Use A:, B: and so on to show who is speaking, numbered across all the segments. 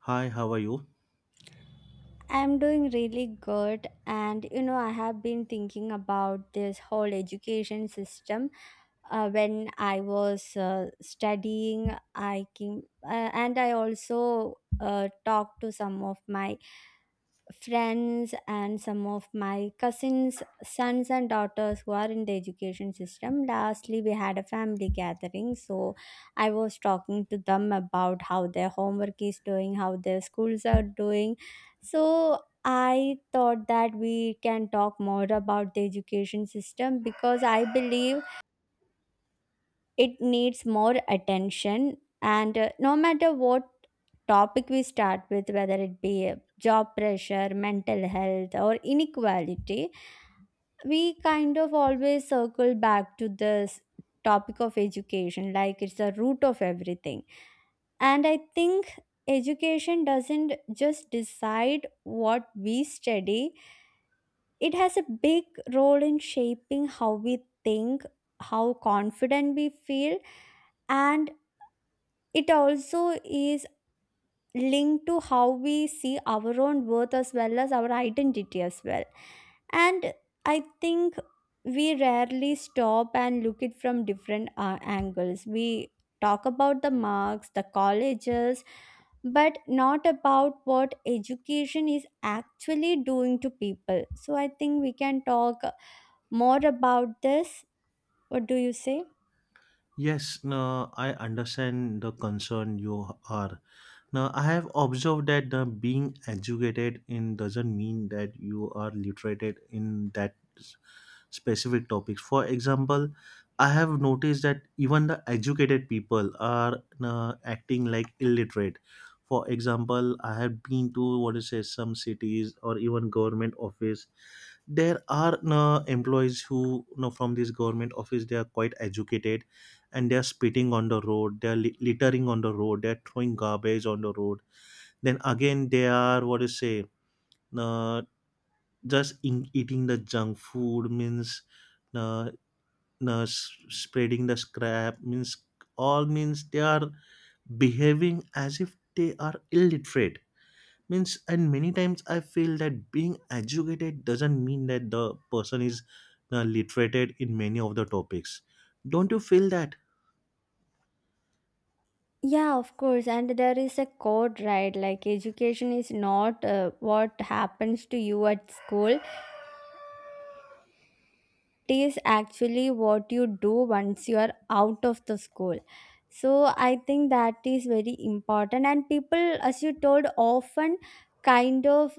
A: Hi, how are you?
B: I'm doing really good, and you know, I have been thinking about this whole education system. When I was studying, I came and I also talked to some of my friends and some of my cousins sons and daughters who are in the education system lastly we had a family gathering. So I was talking to them about how their homework is doing, how their schools are doing, so I thought that we can talk more about the education system because I believe it needs more attention. And no matter what topic we start with, whether it be job pressure, mental health or inequality, we kind of always circle back to this topic of education, like it's the root of everything. And I think education doesn't just decide what we study. It has a big role in shaping how we think, how confident we feel, and it also is linked to how we see our own worth as well as our identity as well. And I think we rarely stop and look it from different angles. We talk about the marks, the colleges, but not about what education is actually doing to people. So I think we can talk more about this. What do you say?
A: Yes, no, I understand the concern you are. Now, I have observed that the being educated in doesn't mean that you are literated in that specific topics. For example, I have noticed that even the educated people are acting like illiterate. For example, I have been to what is say some cities or even government office, there are employees who, from this government office, they are quite educated, and they are spitting on the road, they are littering on the road, they are throwing garbage on the road, then again they are what do you say, uh, just in, eating the junk food means, uh, spreading the scrap means, all means they are behaving as if they are illiterate means. And many times I feel that being educated doesn't mean that the person is literated in many of the topics. Don't you feel that?
B: Yeah, of course. And there is a code, right? Like, education is not what happens to you at school. It is actually what you do once you are out of the school. So, I think that is very important. And people, as you told, often kind of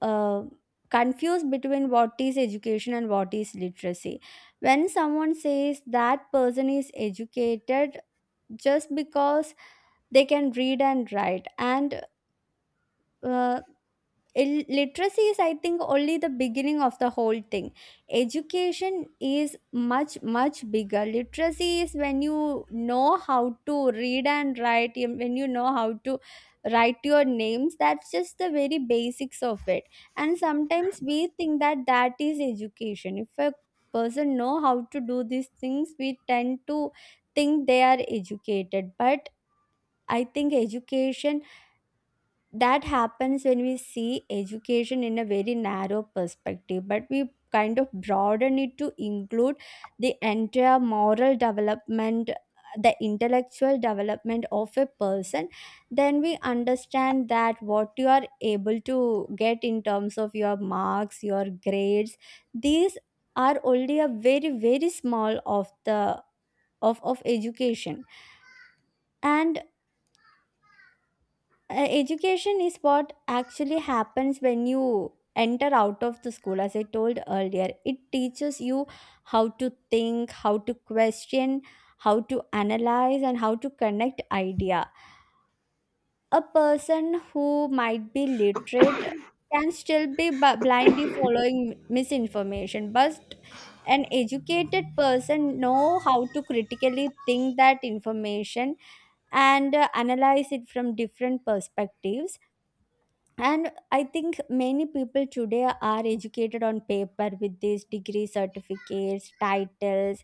B: uh, confused between what is education and what is literacy. When someone says that person is educated just because they can read and write, and uh, literacy is I think only the beginning of the whole thing. Education is much much bigger. Literacy is when you know how to read and write you- when you know how to write your names, that's just the very basics of it. And sometimes we think that that is education. If a person know how to do these things, we tend to think they are educated. But I think education that happens when we see education in a very narrow perspective, but we kind of broaden it to include the entire moral development, the intellectual development of a person, then we understand that what you are able to get in terms of your marks, your grades, these are only a very very small of the of education. And education is what actually happens when you enter out of the school. As I told earlier, it teaches you how to think, how to question, how to analyze and how to connect idea. A person who might be literate can still be blindly following misinformation, but an educated person know how to critically think that information and analyze it from different perspectives. And I think many people today are educated on paper with these degree certificates titles.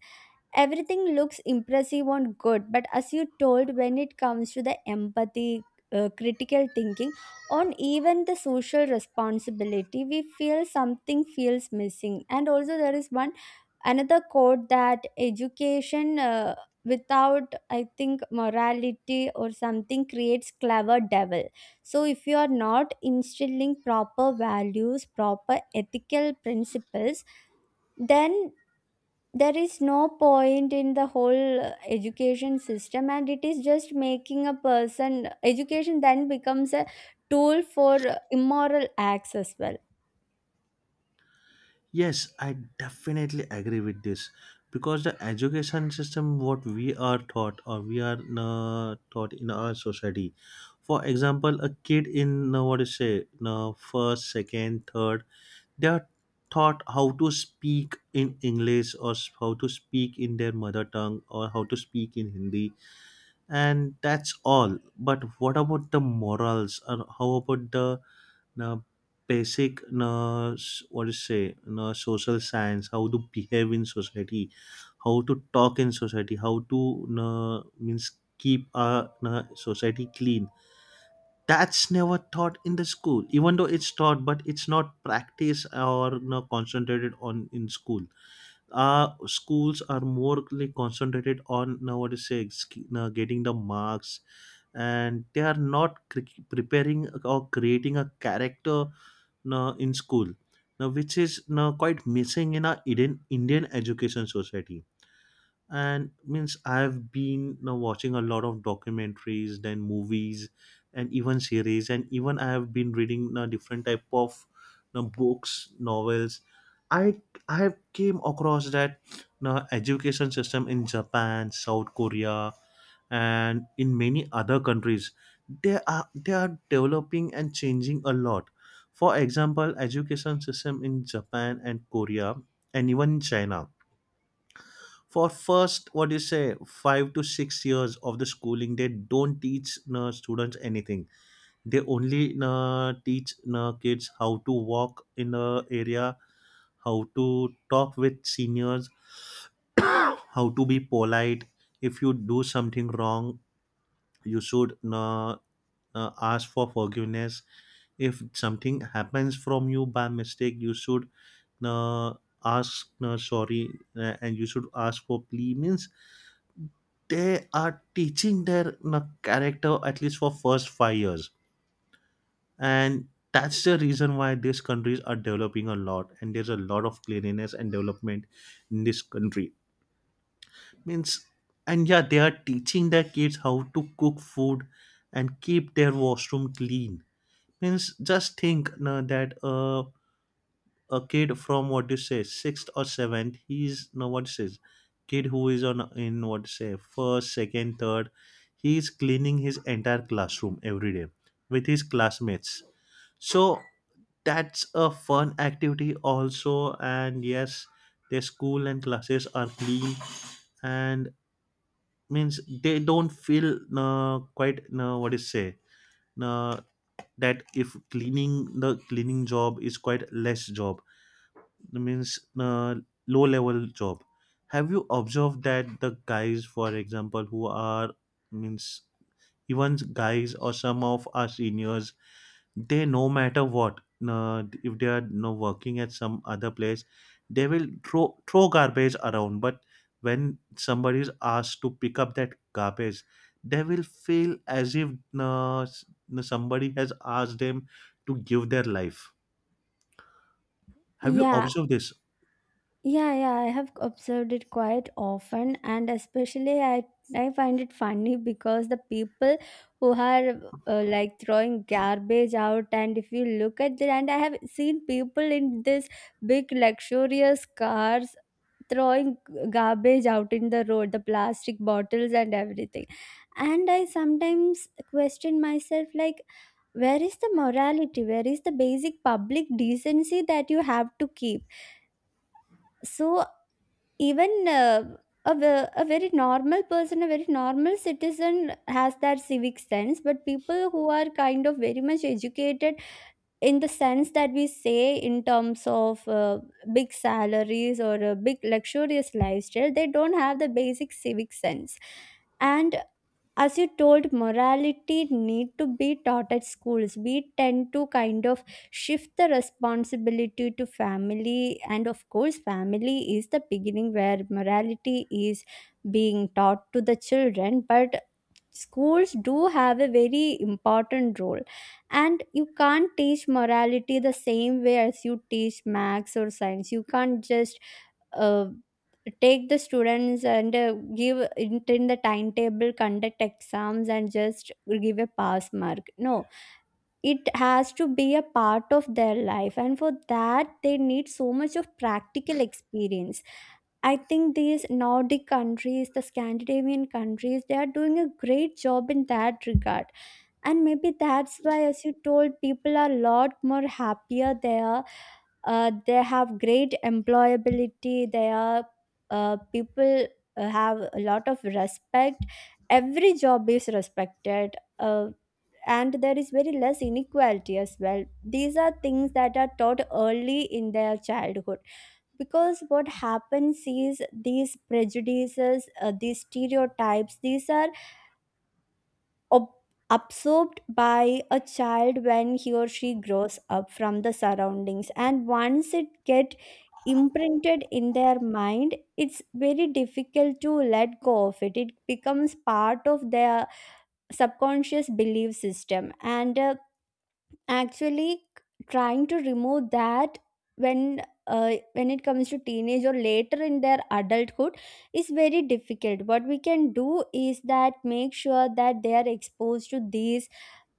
B: Everything looks impressive and good, but as you told, when it comes to the empathy, critical thinking on even the social responsibility, we feel something feels missing. And also there is one another quote that education without I think morality or something creates clever devil. So if you are not instilling proper values, proper ethical principles, then there is no point in the whole education system, and it is just making a person education then becomes a tool for immoral acts as well.
A: Yes, I definitely agree with this, because the education system what we are taught, or we are taught in our society. For example, a kid in what do you say, first, second, third, they are taught how to speak in English, or how to speak in their mother tongue, or how to speak in Hindi, and that's all. But what about the morals, or how about the uh, basic, what you say, social science, how to behave in society, how to talk in society, how to, means, keep our society clean? That's never taught in the school. Even though it's taught, but it's not practiced or concentrated on in school. Schools are more like concentrated on nowadays, say, getting the marks, and they are not preparing or creating a character in school now, which is quite missing in our Indian education society. And means, I've been now watching a lot of documentaries, then movies, and even series, and even I have been reading a different type of, books, novels. I i have came across that the education system in Japan, South Korea, and in many other countries, they are developing and changing a lot. For example, education system in Japan and Korea, and even in China, for first, what you say, 5 to 6 years of the schooling, they don't teach students anything. They only teach kids how to walk in a area, how to talk with seniors, how to be polite. If you do something wrong, you should ask for forgiveness. If something happens from you by mistake, you should uh, ask sorry, and you should ask for plea means. They are teaching their, character, at least for first 5 years, and that's the reason why these countries are developing a lot, and there's a lot of cleanliness and development in this country means. And yeah, they are teaching their kids how to cook food and keep their washroom clean means. Just think, that, a kid from what you say, sixth or seventh, he's no what says, kid who is on in what you say first, second, third, he is cleaning his entire classroom every day with his classmates. So that's a fun activity also, and yes, their school and classes are clean, and means they don't feel quite what is say, uh, that if cleaning the cleaning job is quite less job means low level job. Have you observed that the guys, for example, who are, means, even guys or some of our seniors, they, no matter what, if they are no working at some other place, they will throw garbage around, but when somebody is asked to pick up that garbage, they will feel as if, uh, s- somebody has asked them to give their life. Have you
B: Yeah.
A: observed this?
B: Yeah, I have observed it quite often, and especially I find it funny because the people who are like throwing garbage out, and if you look at the and I have seen people in this big luxurious cars throwing garbage out in the road, the plastic bottles and everything, and I sometimes question myself like, where is the morality? Where is the basic public decency that you have to keep? So even a very normal person, a very normal citizen has that civic sense, but people who are kind of very much educated in the sense that we say in terms of big salaries or a big luxurious lifestyle, they don't have the basic civic sense. And as you told, morality need to be taught at schools. We tend to kind of shift the responsibility to family, and of course family is the beginning where morality is being taught to the children, but schools do have a very important role. And you can't teach morality the same way as you teach maths or science. You can't just uh, take the students and give in the timetable, conduct exams and just give a pass mark. No, it has to be a part of their life, and for that they need so much of practical experience. I think these nordic countries, the scandinavian countries, they are doing a great job in that regard, and maybe that's why as you told, people are a lot more happier there. They have great employability. They are people have a lot of respect. Every job is respected. Uh, and there is very less inequality as well. These are things that are taught early in their childhood, because what happens is these prejudices, these stereotypes, these are ob- absorbed by a child when he or she grows up from the surroundings, and once it get imprinted in their mind, it's very difficult to let go of it. It becomes part of their subconscious belief system, and actually trying to remove that when it comes to teenage or later in their adulthood is very difficult. What we can do is that make sure that they are exposed to these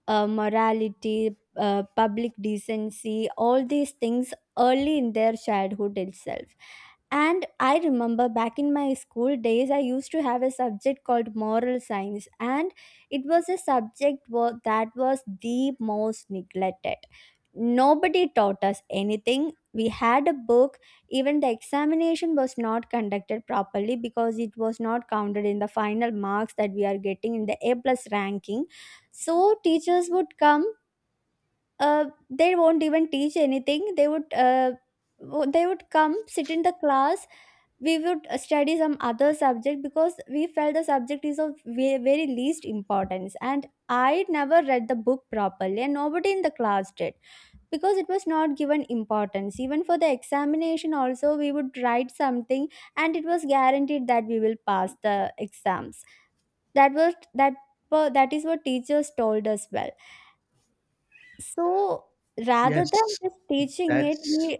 B: morality, public decency, all these things early in their childhood itself. And I remember back in my school days, I used to have a subject called moral science, and it was a subject that was the most neglected. Nobody taught us anything. We had a book, even the examination was not conducted properly because it was not counted in the final marks that we are getting in the A plus ranking. So teachers would come, they won't even teach anything. They would they would come sit in the class. We would study some other subject because we felt the subject is of very least importance, and I never read the book properly, and nobody in the class did, because it was not given importance. Even for the examination also we would write something, and it was guaranteed that we will pass the exams. That was that that is what teachers told us, well. So rather than
A: Yes,
B: just teaching it,
A: that's
B: we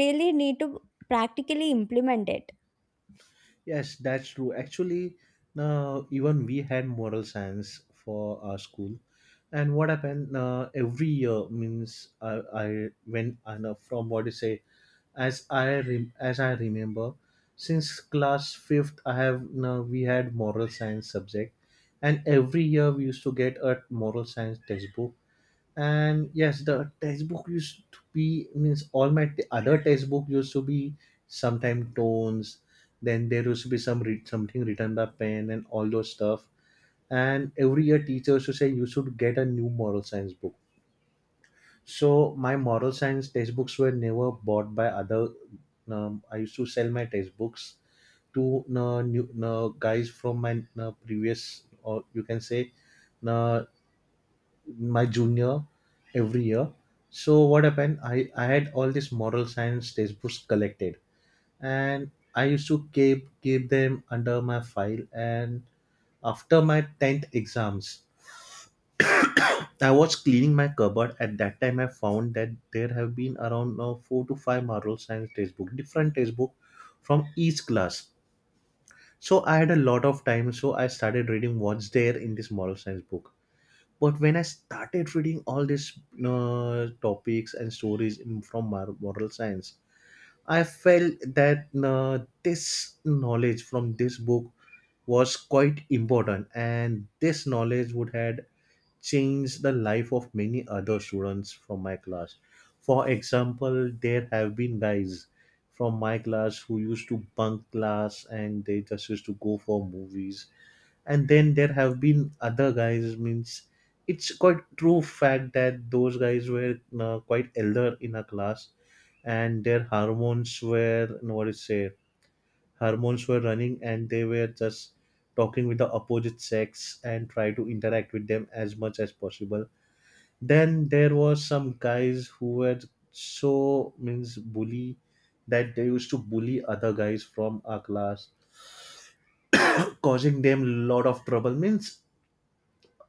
B: really need to practically implement it.
A: true. Actually, now even we had moral science for our school, and what happened, every year means, I when I know from what you say, as I remember, since class fifth, I have now, we had moral science subject, and every year we used to get a moral science textbook, and yes, the textbook used to be, means, all my other textbook used to be sometime tones. Then there used to be some read something written by pen and all those stuff, and every year teacher used to say you should get a new moral science book, so my moral science textbooks were never bought by other. I used to sell my textbooks to new guys from my previous, or you can say, uh, my junior, every year. So what happened? I had all these moral science textbooks collected, and I used to keep them under my file. And after my 10th exams, I was cleaning my cupboard. At that time, I found that there have been around now four to five moral science textbook, different textbook from each class. So I had a lot of time, so I started reading what's there in this moral science book. But when I started reading all these topics and stories from moral science, I felt that this knowledge from this book was quite important, and this knowledge would had changed the life of many other students from my class. For example, there have been guys from my class who used to bunk class and they just used to go for movies, and then there have been other guys, means, it's quite true fact that those guys were quite elder in a class, and their hormones were, no, what is said, hormones were running, and they were just talking with the opposite sex and try to interact with them as much as possible. Then there was some guys who were so means bully that they used to bully other guys from our class, causing them lot of trouble means.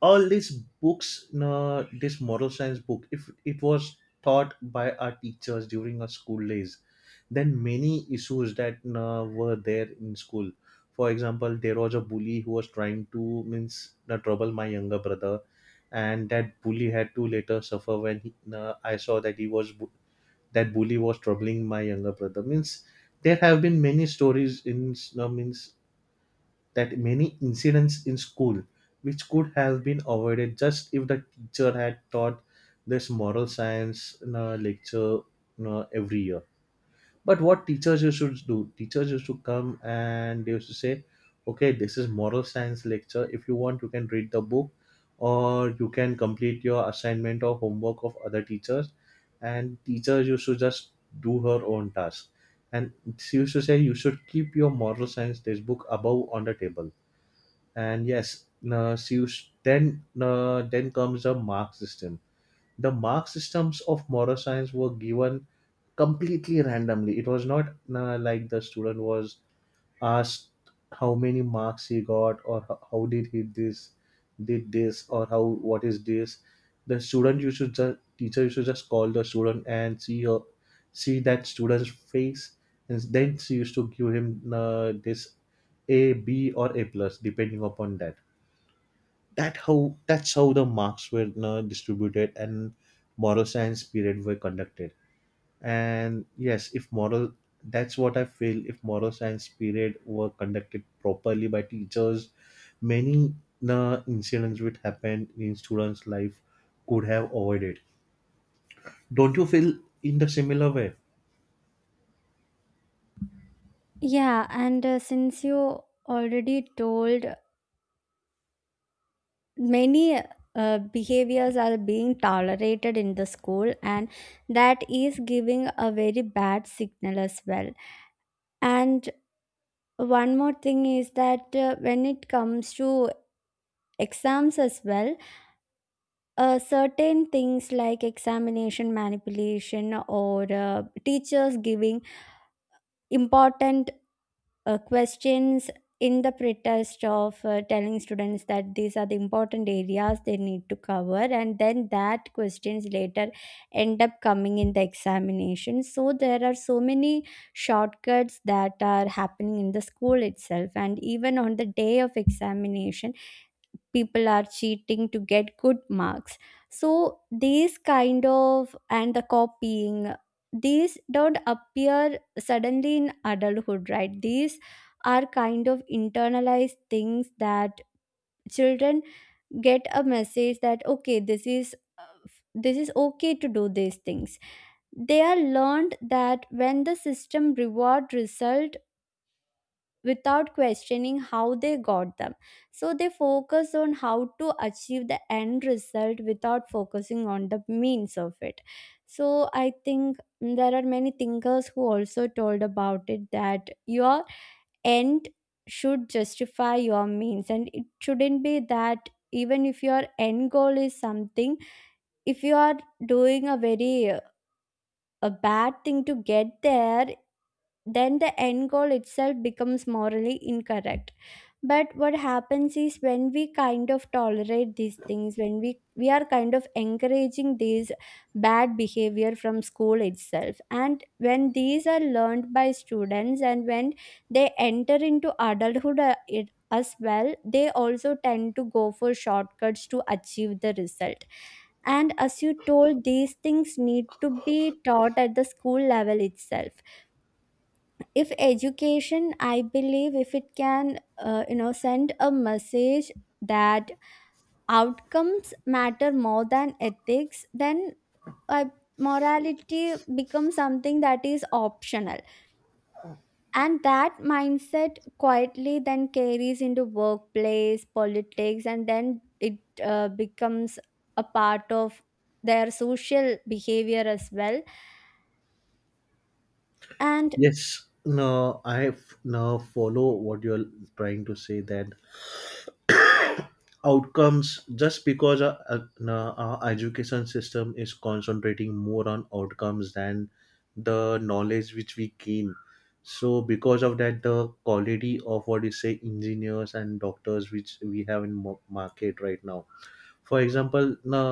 A: All these books, no, this moral science book, if it was taught by our teachers during our school days, then many issues that, no, were there in school. For example, there was a bully who was trying to, means, no, trouble my younger brother, and that bully had to later suffer, when he, no, I saw that he was that bully was troubling my younger brother means. There have been many stories in, no, means, that many incidents in school which could have been avoided just if the teacher had taught this moral science lecture every year. But what teachers used to do, teachers used to come and they used to say, okay, this is moral science lecture, if you want you can read the book, or you can complete your assignment or homework of other teachers, and teachers used to just do her own task. And she used to say you should keep your moral science textbook above on the table. And yes, so you s- then comes the mark system. The mark systems of moral science were given completely randomly. It was not, like the student was asked how many marks he got, or how did he this did this, or how what is this. The student, you should just, teacher you should just call the student and see her, see that student's face, and then she used to give him this, a b or a plus, depending upon that's how the marks were, distributed, and moral science period were conducted. And yes, if moral that's what I feel, if moral science period were conducted properly by teachers, many incidents which happened in students life could have avoided. Don't you feel in the similar way?
B: Yeah, and since you already told, many behaviors are being tolerated in the school, and that is giving a very bad signal as well. And one more thing is that when it comes to exams as well, certain things like examination manipulation or teachers giving important questions in the pretest of telling students that these are the important areas they need to cover, and then that questions later end up coming in the examination. So there are so many shortcuts that are happening in the school itself, and even on the day of examination people are cheating to get good marks. So these kind of, and the copying, these don't appear suddenly in adulthood, right? These are kind of internalized things that children get a message that okay, this is okay to do these things. They are learned that when the system reward result without questioning how they got them. So they focus on how to achieve the end result without focusing on the means of it. So I think there are many thinkers who also told about it that your end should justify your means, and it shouldn't be that even if your end goal is something, if you are doing a very a bad thing to get there, then the end goal itself becomes morally incorrect. But what happens is, when we kind of tolerate these things, when we are kind of encouraging these bad behavior from school itself, and when these are learned by students and when they enter into adulthood, it, as well, they also tend to go for shortcuts to achieve the result. And as you told, these things need to be taught at the school level itself. If education, I believe, if it can send a message that outcomes matter more than ethics, then uh, morality becomes something that is optional, and that mindset quietly then carries into workplace politics, and then it becomes a part of their social behavior as well. And
A: Yes, no, I no follow what you're trying to say, that outcomes, just because our education system is concentrating more on outcomes than the knowledge which we gain. So because of that, the quality of what you say engineers and doctors which we have in market right now. For example, na,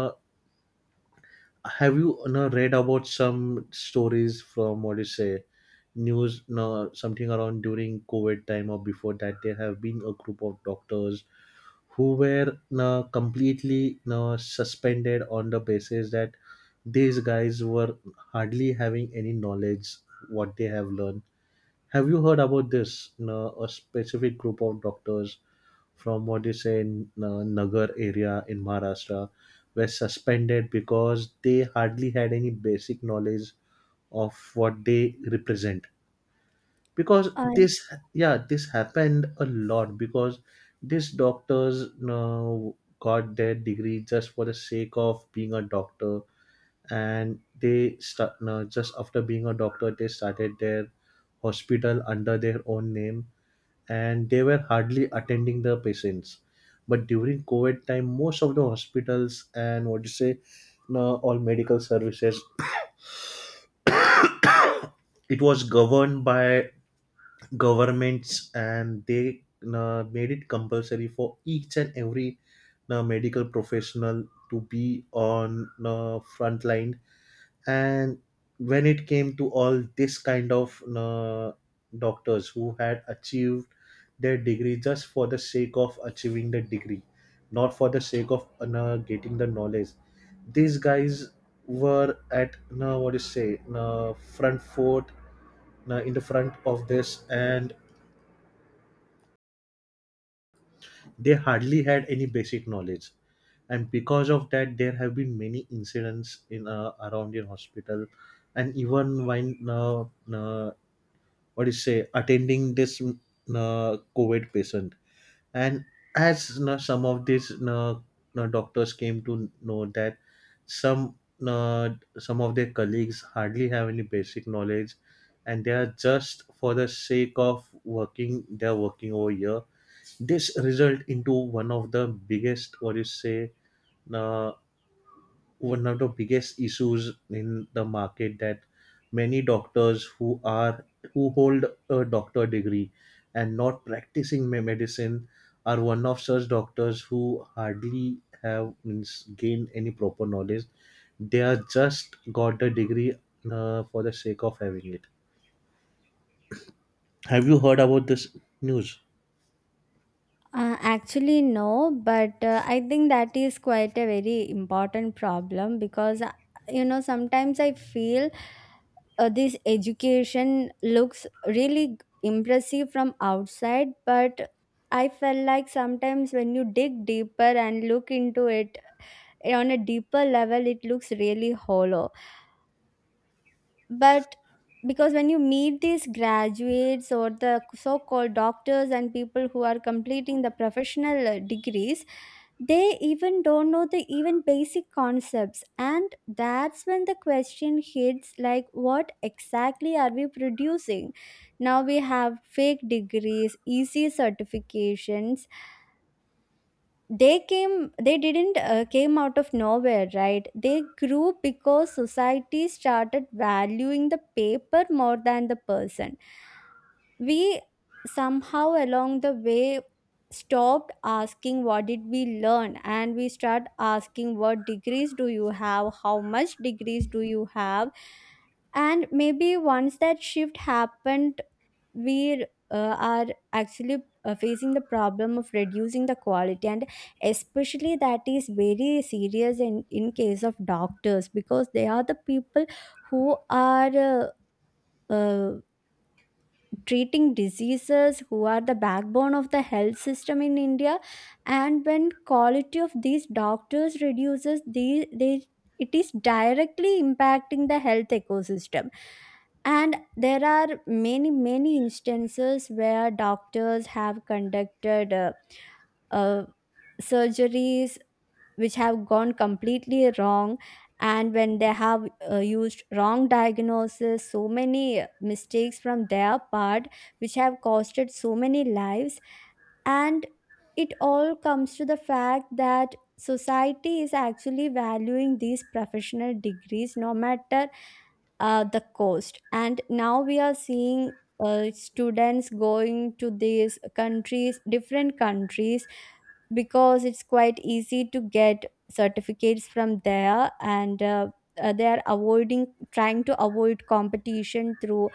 A: have you na, read about some stories from what you say, news, no, something around during COVID time or before that, there have been a group of doctors who were, no, completely, no, suspended on the basis that these guys were hardly having any knowledge what they have learned. Have you heard about this, no, a specific group of doctors from what you say in Nagar area in Maharashtra were suspended because they hardly had any basic knowledge of what they represent, because
B: uh,
A: this, yeah, this happened a lot, because these doctors got their degree just for the sake of being a doctor, and they start, no, just after being a doctor they started their hospital under their own name, and they were hardly attending the patients, but during covid time, most of the hospitals and what you say, no, all medical services, it was governed by governments, and they made it compulsory for each and every medical professional to be on front line. And when it came to all this kind of doctors who had achieved their degree just for the sake of achieving the degree, not for the sake of getting the knowledge, these guys were at, what do you say, front foot, in the front of this, and they hardly had any basic knowledge. And because of that, there have been many incidents in, around in hospital, and even when uh, what do you say, attending this covid patient, and as some of these doctors came to know that some uh, some of their colleagues hardly have any basic knowledge, and they are just for the sake of working, they are working over here. This result into one of the biggest, what you say, uh, one of the biggest issues in the market, that many doctors who hold a doctor degree and not practicing medicine are one of such doctors who hardly have means, gained any proper knowledge. They are just got the degree for the sake of having it. Have you heard about this news?
B: Actually, no, but I think that is quite a very important problem because, sometimes I feel this education looks really impressive from outside, but I felt like sometimes when you dig deeper and look into it on a deeper level, it looks really hollow. But because when you meet these graduates or the so-called doctors and people who are completing the professional degrees, they even don't know the even basic concepts, and that's when the question hits, like what exactly are we producing? Now we have fake degrees, easy certifications. They came, they didn't came out of nowhere, right? They grew because society started valuing the paper more than the person. We somehow along the way stopped asking what did we learn, and we start asking what degrees do you have, how much degrees do you have. And maybe once that shift happened, we are actually facing the problem of reducing the quality. And especially that is very serious in case of doctors, because they are the people who are uh, treating diseases, who are the backbone of the health system in India. And when quality of these doctors reduces, these they, it is directly impacting the health ecosystem. And there are many many instances where doctors have conducted uh, surgeries which have gone completely wrong, and when they have used wrong diagnosis, so many mistakes from their part which have costed so many lives. And it all comes to the fact that society is actually valuing these professional degrees no matter the cost. And now we are seeing students going to these countries, different countries, because it's quite easy to get certificates from there, and they are avoiding, trying to avoid competition through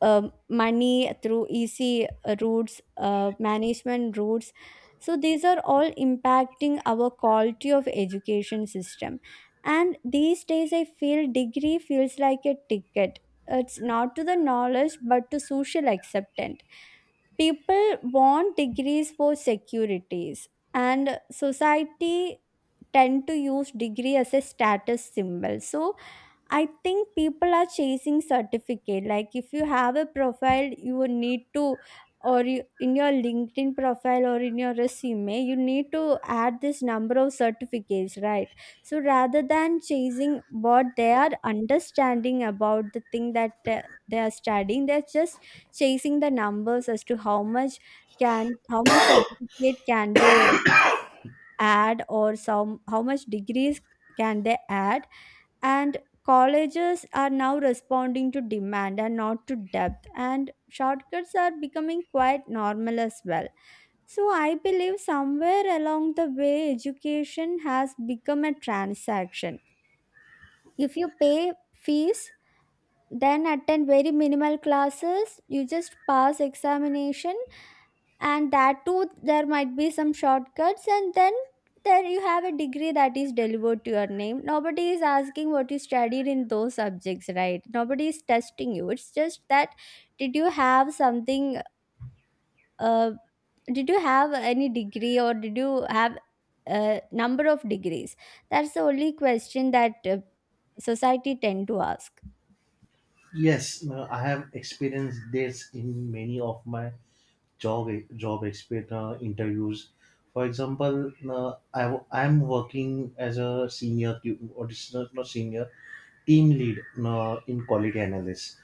B: money, through easy routes, management routes. So these are all impacting our quality of education system. And these days I feel degree feels like a ticket. It's not to the knowledge but to social acceptance. People want degrees for securities, and society tend to use degree as a status symbol. So I think people are chasing certificate. Like if you have a profile, you would need to, or you, in your LinkedIn profile or in your resume, you need to add this number of certificates, right? So rather than chasing what they are understanding about the thing that they are studying, they're just chasing the numbers as to how much can, how much certificate can they add, or some, how much degrees can they add. And colleges are now responding to demand and not to depth, and shortcuts are becoming quite normal as well. So I believe somewhere along the way education has become a transaction. If you pay fees, then attend very minimal classes, you just pass examination, and that too there might be some shortcuts, and then there you have a degree that is delivered to your name. Nobody is asking what you studied in those subjects, right? Nobody is testing you. It's just that, did you have something, uh, did you have any degree, or did you have a number of degrees? That's the only question that society tend to ask.
A: Yes, no, I have experienced this in many of my job job expert interviews. For example, I'm working as a senior or it's not senior, team lead in quality analyst.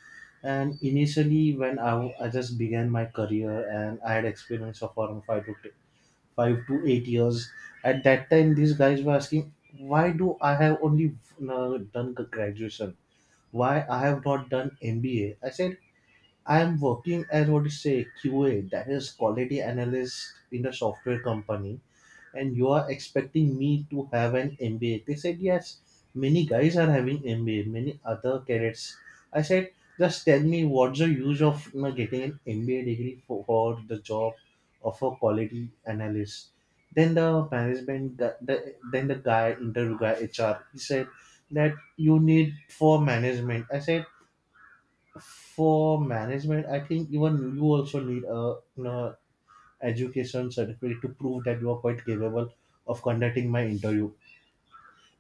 A: And initially, when I just began my career, and I had experience of around 5 to 8 years, at that time these guys were asking, why do I have only done the graduation? Why I have not done MBA? I said, I am working as, what you say, QA, that is quality analyst in a software company, and you are expecting me to have an MBA. They said, yes, many guys are having MBA, many other cadets. I said, just tell me what's the use of getting an MBA degree for the job of a quality analyst. Then the guy, interview guy, HR, he said that you need for management. I said, for management, I think even you also need a you know, education certificate to prove that you are quite capable of conducting my interview,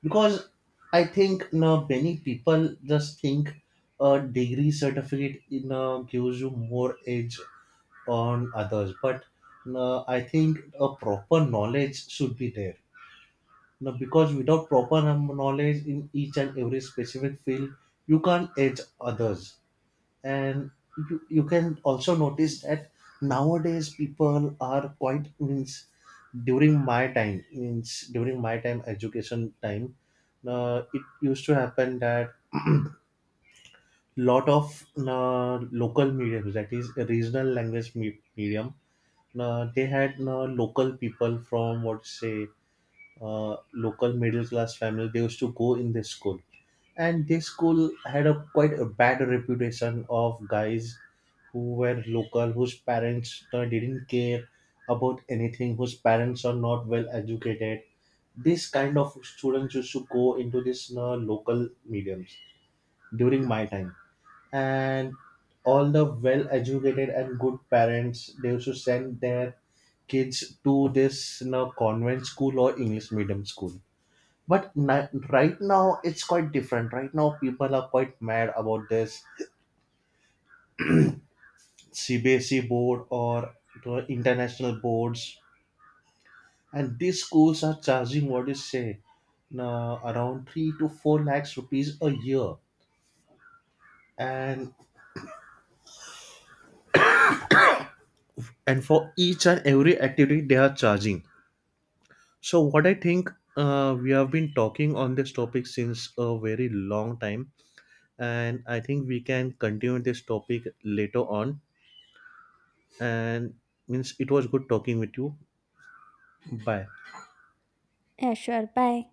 A: because I think, many people just think a degree certificate, gives you more edge on others. But I think a proper knowledge should be there, because without proper knowledge in each and every specific field, you can't edge others. And you can also notice that nowadays people are quite means, during my time, means during my time education time, it used to happen that lot of local mediums, that is regional language medium, they had local people from what say, local middle class family, they used to go in this school, and this school had a quite a bad reputation of guys who were local, whose parents didn't care about anything, whose parents are not well educated. This kind of students used to go into this local mediums during my time, and all the well educated and good parents, they used to send their kids to this convent school or English medium school. But right now it's quite different. Right now people are quite mad about this CBSE board or the international boards. And these schools are charging, what do you say, now around 3 to 4 lakhs rupees a year, and and for each and every activity they are charging. So what I think, we have been talking on this topic since a very long time, and I think we can continue this topic later on. And, means, it was good talking with you. Bye.
B: Yeah, sure, bye.